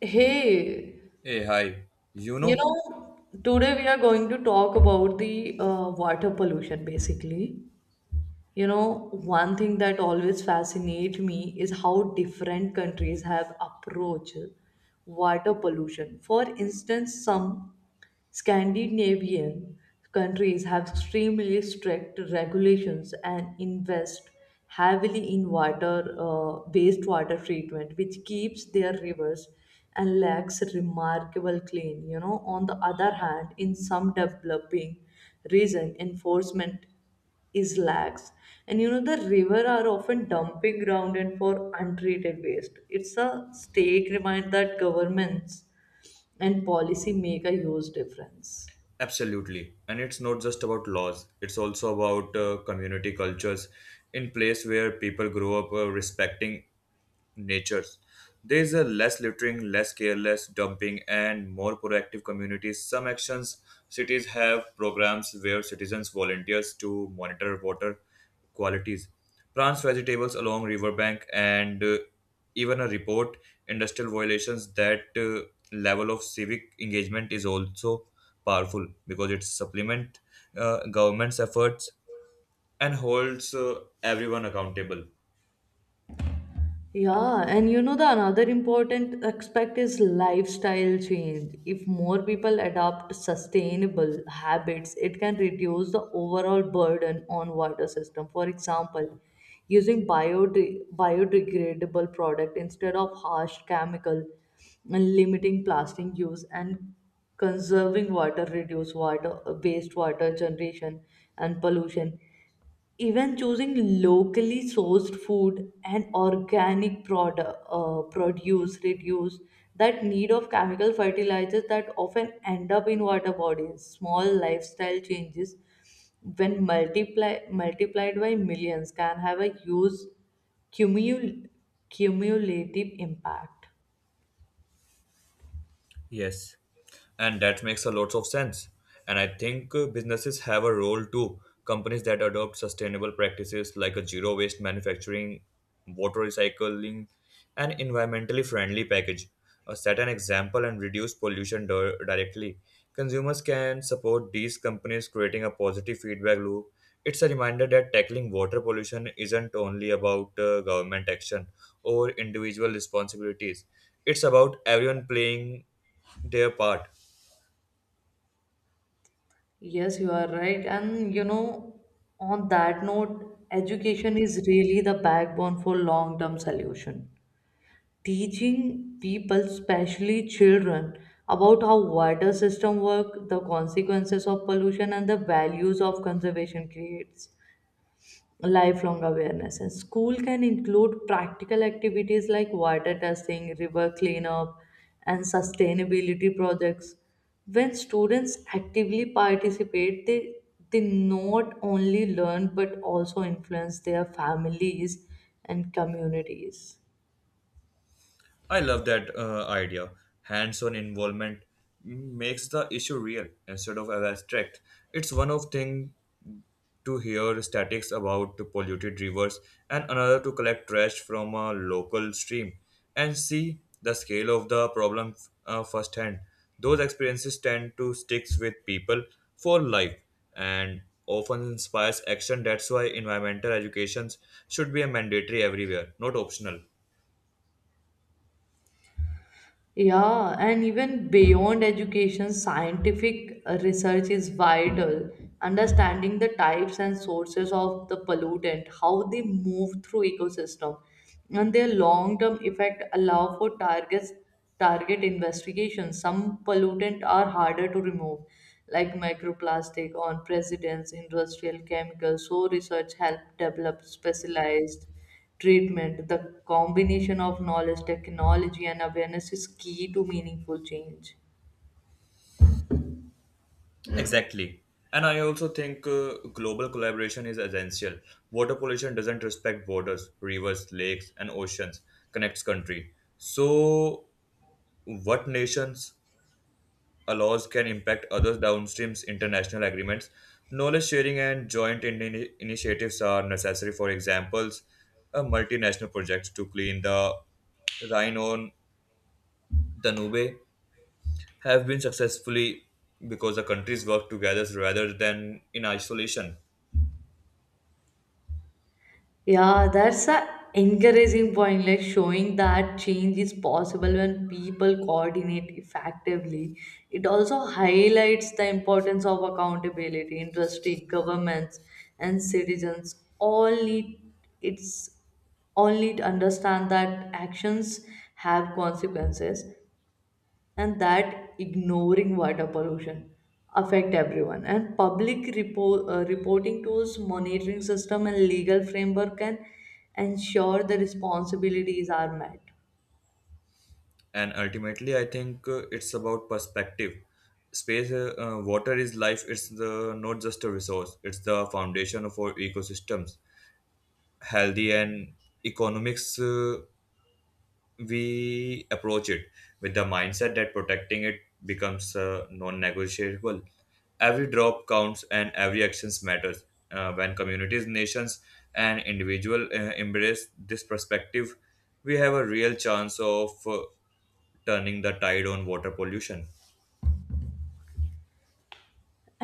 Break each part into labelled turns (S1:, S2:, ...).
S1: Hey,
S2: Hey, hi. You know,
S1: today we are going to talk about the water pollution basically. One thing that always fascinates me is how different countries have approached water pollution. For instance, some Scandinavian countries have extremely strict regulations and invest heavily in water based water treatment, which keeps their rivers and lakes remarkable clean. On the other hand, in some developing region, enforcement is lax and the river are often dumping ground and for untreated waste it's a stake remind that governments and policy make a huge difference.
S2: Absolutely. And it's not just about laws, it's also about community cultures in place where people grow up respecting natures. There is a less littering, less careless dumping, and more proactive communities. Some actions cities have programs where citizens volunteers to monitor water qualities, plants vegetables along riverbank, and even a report industrial violations. That level of civic engagement is also powerful because it supplement government's efforts and holds everyone accountable.
S1: Yeah, and the another important aspect is lifestyle change. If more people adopt sustainable habits, it can reduce the overall burden on water system. For example, using biodegradable product instead of harsh chemical and limiting plastic use and conserving water reduce water wastewater generation and pollution even choosing locally sourced food and organic produce reduce that need of chemical fertilizers that often end up in water bodies small lifestyle changes when multiplied by millions can have a huge cumul- cumulative impact.
S2: Yes, and that makes a lot of sense. And I think businesses have a role too. Companies that adopt sustainable practices like a zero waste manufacturing, water recycling, and environmentally friendly package set an example and reduce pollution directly. Consumers can support these companies, creating a positive feedback loop. It's a reminder that tackling water pollution isn't only about government action or individual responsibilities. It's about everyone playing their part.
S1: Yes, you are right. And on that note, education is really the backbone for long-term solution. Teaching people, especially children, about how water system work, the consequences of pollution, and the values of conservation creates lifelong awareness. And school can include practical activities like water testing, river cleanup, and sustainability projects. When students actively participate, they not only learn but also influence their families and communities.
S2: I love that idea. Hands on involvement makes the issue real instead of abstract. It's one of thing to hear statics about the polluted rivers and another to collect trash from a local stream and see the scale of the problem firsthand. Those experiences tend to stick with people for life and often inspires action. That's why environmental education should be a mandatory everywhere, not optional.
S1: Yeah, and even beyond education, scientific research is vital. Understanding the types and sources of the pollutant, how they move through ecosystem, and their long-term effect allow for target investigation. Some pollutant are harder to remove, like microplastic on presidents, industrial chemicals. So research help develop specialized treatment. The combination of knowledge, technology, and awareness is key to meaningful change.
S2: Exactly. And I also think global collaboration is essential. Water pollution doesn't respect borders, rivers, lakes, and oceans connects country. So, what nations allows can impact others downstreams international agreements. Knowledge sharing and joint initiatives are necessary. For examples, a multinational projects to clean the Rhine on Danube have been successfully because the countries work together rather than in isolation.
S1: Yeah, that's a encouraging point, like showing that change is possible when people coordinate effectively. It also highlights the importance of accountability. Industry, governments, and citizens it's all need to understand that actions have consequences and that ignoring water pollution affect everyone and public reporting tools monitoring system and legal framework can ensure the responsibilities are met.
S2: And ultimately I think it's about perspective space water is life, it's the not just a resource, it's the foundation for ecosystems healthy and economics. We approach it with the mindset that protecting it becomes non-negotiable. Every drop counts and every actions matters. When communities nations and individual embrace this perspective, we have a real chance of turning the tide on water pollution.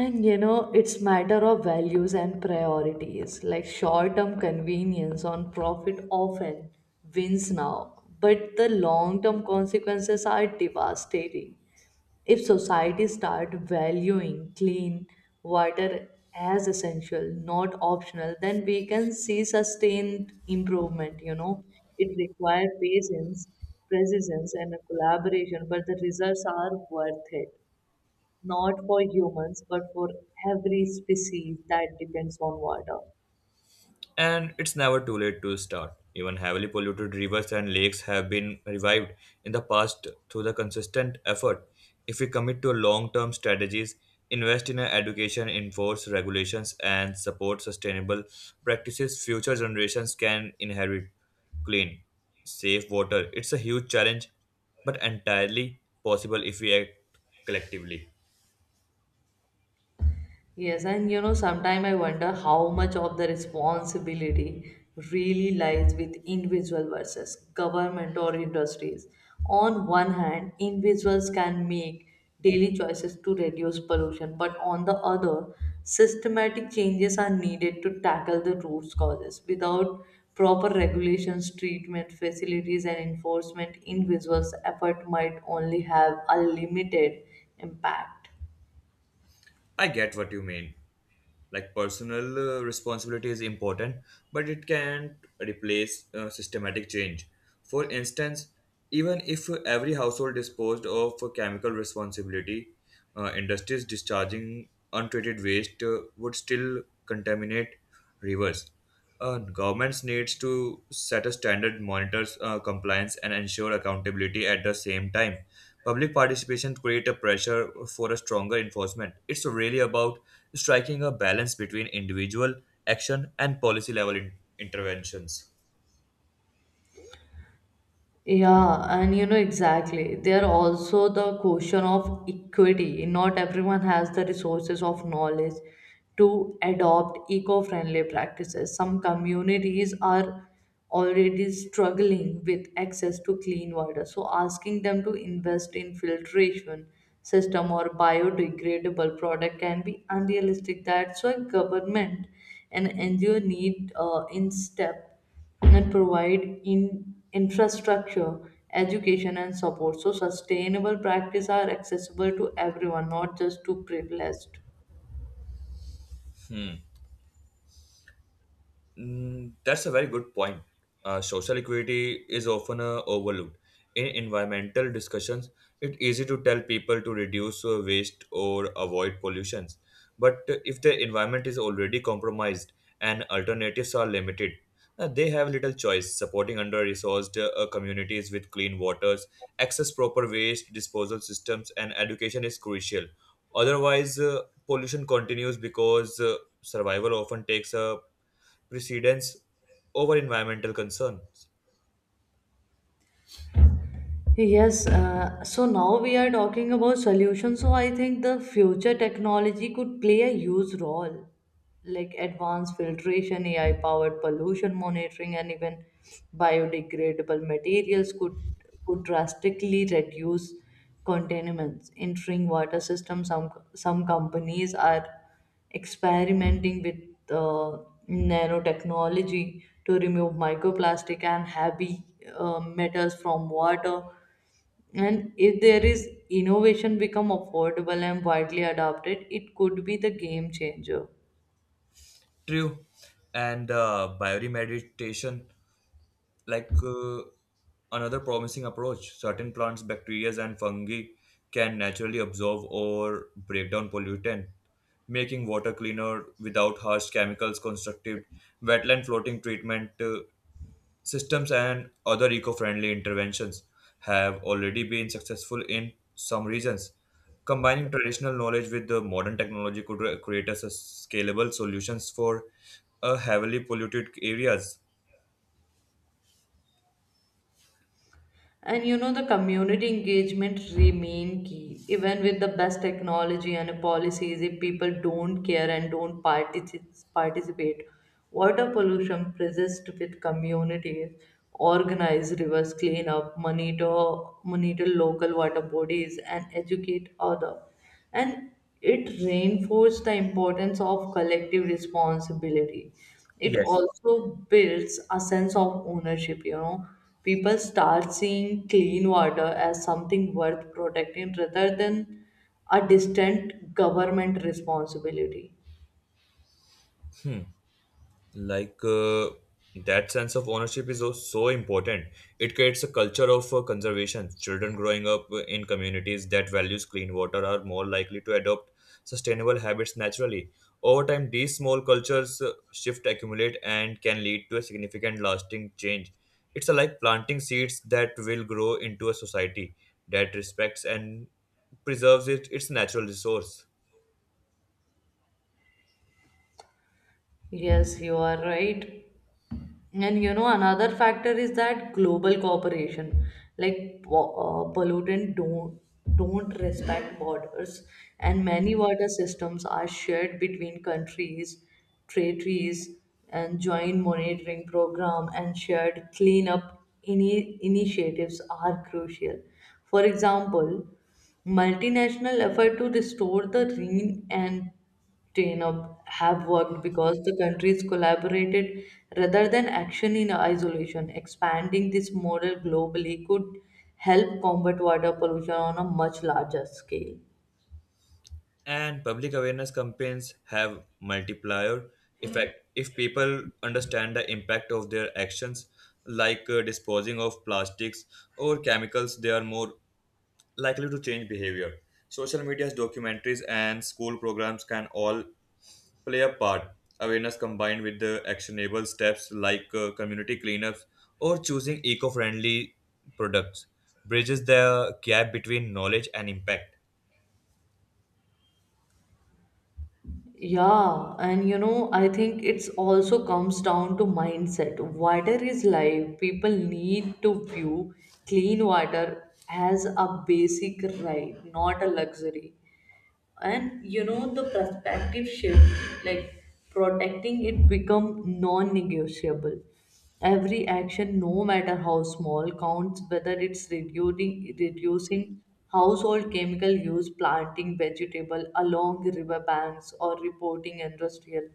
S1: And it's matter of values and priorities like short term convenience on profit often wins now but the long term consequences are devastating. If society start valuing clean water as essential, not optional, then we can see sustained improvement. It requires patience, persistence, and a collaboration, but the results are worth it. Not for humans, but for every species that depends on water.
S2: And it's never too late to start. Even heavily polluted rivers and lakes have been revived in the past through the consistent effort. If we commit to long term strategies, invest in education, enforce regulations, and support sustainable practices, future generations can inherit clean, safe water. It's a huge challenge, but entirely possible if we act collectively.
S1: Yes, and sometimes I wonder how much of the responsibility really lies with individual versus government or industries. On one hand, individuals can make daily choices to reduce pollution, but on the other, systematic changes are needed to tackle the root causes. Without proper regulations, treatment facilities, and enforcement, individuals' effort might only have a limited impact.
S2: I get what you mean. Like personal responsibility is important, but it can't replace systematic change. For instance, even if every household disposed of chemical responsibility, industries discharging untreated waste would still contaminate rivers. Governments needs to set a standard, monitors compliance, and ensure accountability at the same time. Public participation create a pressure for a stronger enforcement. It's really about striking a balance between individual action and policy level interventions.
S1: Yeah, and exactly. There are also the question of equity. Not everyone has the resources of knowledge to adopt eco-friendly practices. Some communities are already struggling with access to clean water. So asking them to invest in filtration system or biodegradable product can be unrealistic. That's why government and NGO need in step and provide in infrastructure, education, and support. So, sustainable practice are accessible to everyone, not just to privileged.
S2: Hmm. Mm, that's a very good point. Social equity is often overlooked. In environmental discussions, it's easy to tell people to reduce waste or avoid pollutions. But if the environment is already compromised and alternatives are limited, they have little choice. Supporting under resourced communities with clean waters, access proper waste disposal systems, and education is crucial. Otherwise, pollution continues because survival often takes a precedence over environmental concerns.
S1: Yes, so now we are talking about solutions. So I think the future technology could play a huge role, like advanced filtration, AI powered pollution monitoring, and even biodegradable materials could drastically reduce contaminants in drinking water systems. Some companies are experimenting with uh, nanotechnology to remove microplastic and heavy metals from water and if there is innovation become affordable and widely adopted it could be the game changer.
S2: True. And bioremediation, like another promising approach, certain plants, bacteria, and fungi can naturally absorb or break down pollutant, making water cleaner without harsh chemicals constructive. Wetland floating treatment systems and other eco-friendly interventions have already been successful in some regions. Combining traditional knowledge with the modern technology could create us a scalable solutions for heavily polluted areas.
S1: And the community engagement remain key even with the best technology and policies if people don't care and don't participate water pollution persists with communities organize rivers cleanup monitor local water bodies and educate others and it reinforced the importance of collective responsibility it
S2: Yes.
S1: also builds a sense of ownership people start seeing clean water as something worth protecting rather than a distant government responsibility.
S2: Like that sense of ownership is so important. It creates a culture of conservation. Children growing up in communities that values clean water are more likely to adopt sustainable habits naturally. Over time these small cultures shift accumulate and can lead to a significant lasting change. It's like planting seeds that will grow into a society that respects and preserves it, its natural resource.
S1: Yes you are right. And another factor is that global cooperation, like pollutant don't respect borders, and many water systems are shared between countries, treaties, and joint monitoring program and shared cleanup initiatives are crucial. For example, multinational effort to restore the Rhine and chain up have worked because the countries collaborated rather than action in isolation. Expanding this model globally could help combat water pollution on a much larger scale.
S2: And public awareness campaigns have multiplier effect. If people understand the impact of their actions, like disposing of plastics or chemicals, they are more likely to change behavior. Social media's documentaries and school programs can all play a part. Awareness combined with the actionable steps, like community cleanups or choosing eco-friendly products, bridges the gap between knowledge and impact.
S1: Yeah, and I think it's also comes down to mindset. Water is life. People need to view clean water as a basic right, not a luxury. And the perspective shift like protecting it become non-negotiable every action no matter how small counts whether it's reducing household chemical use planting vegetable along river banks or reporting industrial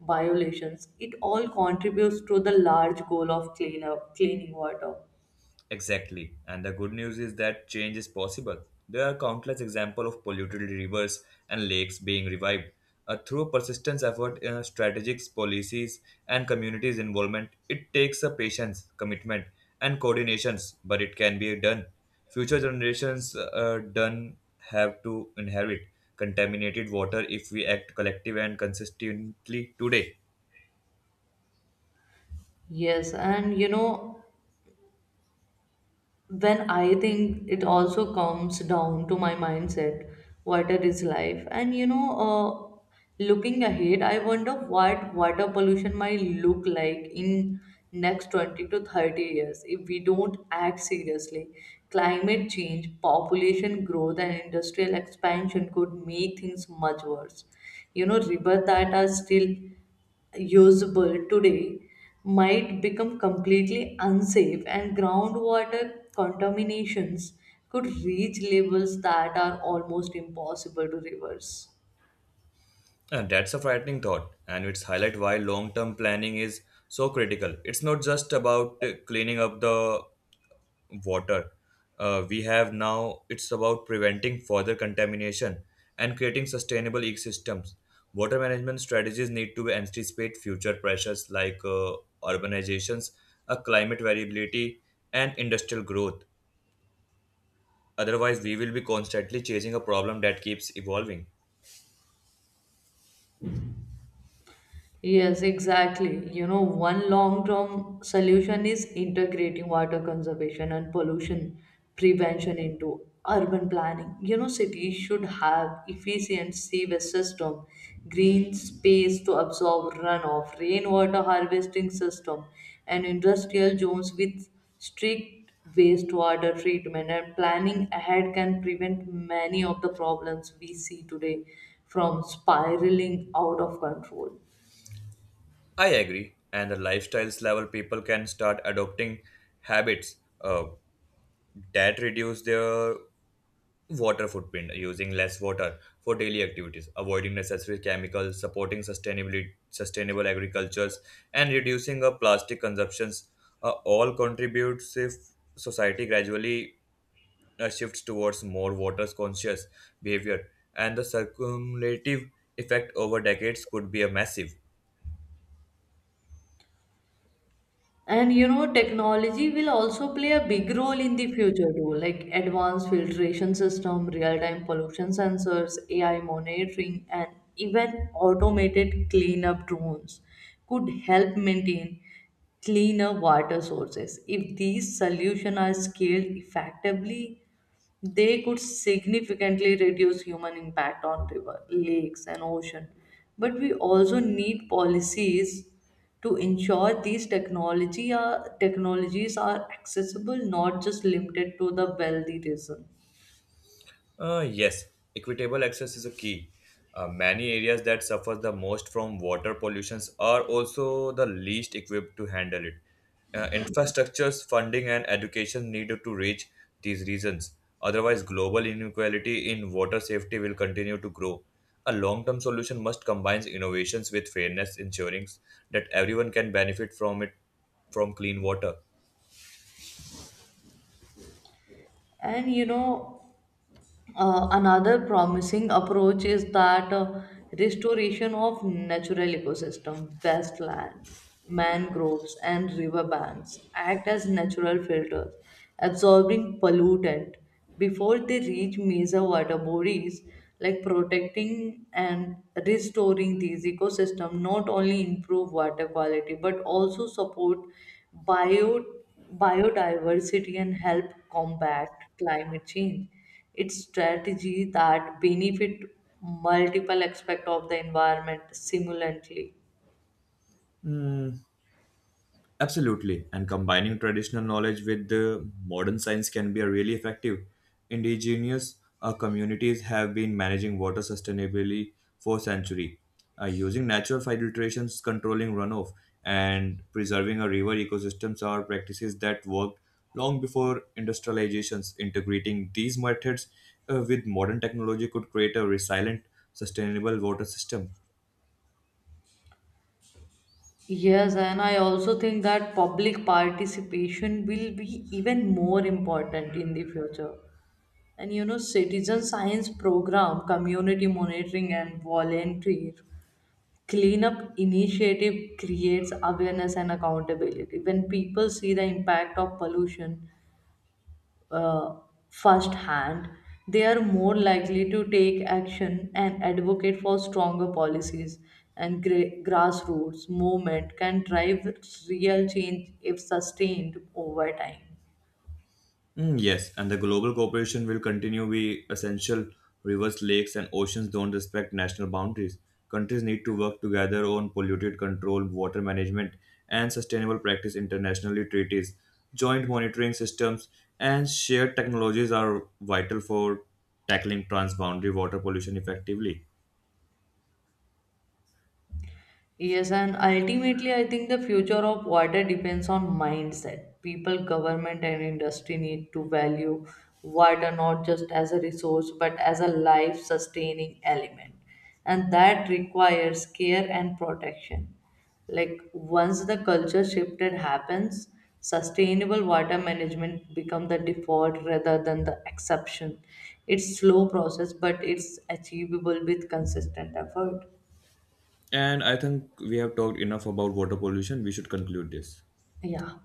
S1: violations it all contributes to the large goal of cleaning water.
S2: Exactly. And the good news is that change is possible. There are countless examples of polluted rivers and lakes being revived. Through persistent effort, strategic policies, and communities' involvement, it takes a patience, commitment, and coordinations, but it can be done. Future generations done have to inherit contaminated water if we act collective and consistently today.
S1: Yes, and when I think it also comes down to my mindset, water is life. And looking ahead, I wonder what water pollution might look like in next 20 to 30 years if we don't act seriously. Climate change, population growth, and industrial expansion could make things much worse. Rivers that are still usable today might become completely unsafe and groundwater contaminations could reach levels that are almost impossible to reverse.
S2: And that's a frightening thought, and it's highlight why long-term planning is so critical. It's not just about cleaning up the water we have now. It's about preventing further contamination and creating sustainable ecosystems. Water management strategies need to anticipate future pressures, like urbanizations, climate variability, and industrial growth. Otherwise, we will be constantly chasing a problem that keeps evolving.
S1: Yes, exactly. One long-term solution is integrating water conservation and pollution prevention into urban planning. Cities should have efficient sewage system, green space to absorb runoff, rainwater harvesting system, and industrial zones with strict wastewater treatment and planning ahead can prevent many of the problems we see today from spiraling out of control.
S2: I agree, and the lifestyles level people can start adopting habits that reduce their water footprint, using less water for daily activities, avoiding necessary chemicals, supporting sustainability, sustainable agricultures, and reducing plastic consumptions. All contributes if society gradually shifts towards more water conscious behavior, and the cumulative effect over decades could be a massive.
S1: And technology will also play a big role in the future too, like advanced filtration system, real-time pollution sensors, AI monitoring, and even automated cleanup drones could help maintain cleaner water sources. If these solutions are scaled effectively, they could significantly reduce human impact on river, lakes, and ocean. But we also need policies to ensure these technologies are accessible, not just limited to the wealthy region.
S2: Yes, equitable access is a key. Many areas that suffer the most from water pollutions are also the least equipped to handle it. Infrastructures, funding, and education needed to reach these regions. Otherwise, global inequality in water safety will continue to grow. A long term solution must combine innovations with fairness, ensuring that everyone can benefit from it, from clean water.
S1: And another promising approach is that restoration of natural ecosystem, wasteland, mangroves, and riverbanks act as natural filters, absorbing pollutant before they reach major water bodies. Like protecting and restoring these ecosystems not only improve water quality but also support bio biodiversity and help combat climate change it's strategy that benefit multiple aspects of the environment simultaneously.
S2: Hmm. Absolutely, and combining traditional knowledge with the modern science can be a really effective. Indigenous communities have been managing water sustainably for centuries, using natural filtrations, controlling runoff, and preserving a river ecosystems are practices that worked long before industrializations. Integrating these methods with modern technology could create a resilient, sustainable water system.
S1: Yes, and I also think that public participation will be even more important in the future. And citizen science program, community monitoring, and volunteer cleanup initiative creates awareness and accountability. When people see the impact of pollution, uh, firsthand, they are more likely to take action and advocate for stronger policies. And grassroots movement can drive real change if sustained over time.
S2: Mm, yes, and the global cooperation will continue be essential. Rivers, lakes, and oceans don't respect national boundaries. Countries need to work together on polluted control, water management, and sustainable practice internationally treaties. Joint monitoring systems and shared technologies are vital for tackling transboundary water pollution effectively.
S1: Yes, and ultimately, I think the future of water depends on mindset. People, government, and industry need to value water not just as a resource but as a life sustaining element. And that requires care and protection. Like, once the culture shifted happens, sustainable water management become the default rather than the exception. It's slow process, but it's achievable with consistent effort.
S2: And I think we have talked enough about water pollution. We should conclude this.
S1: Yeah.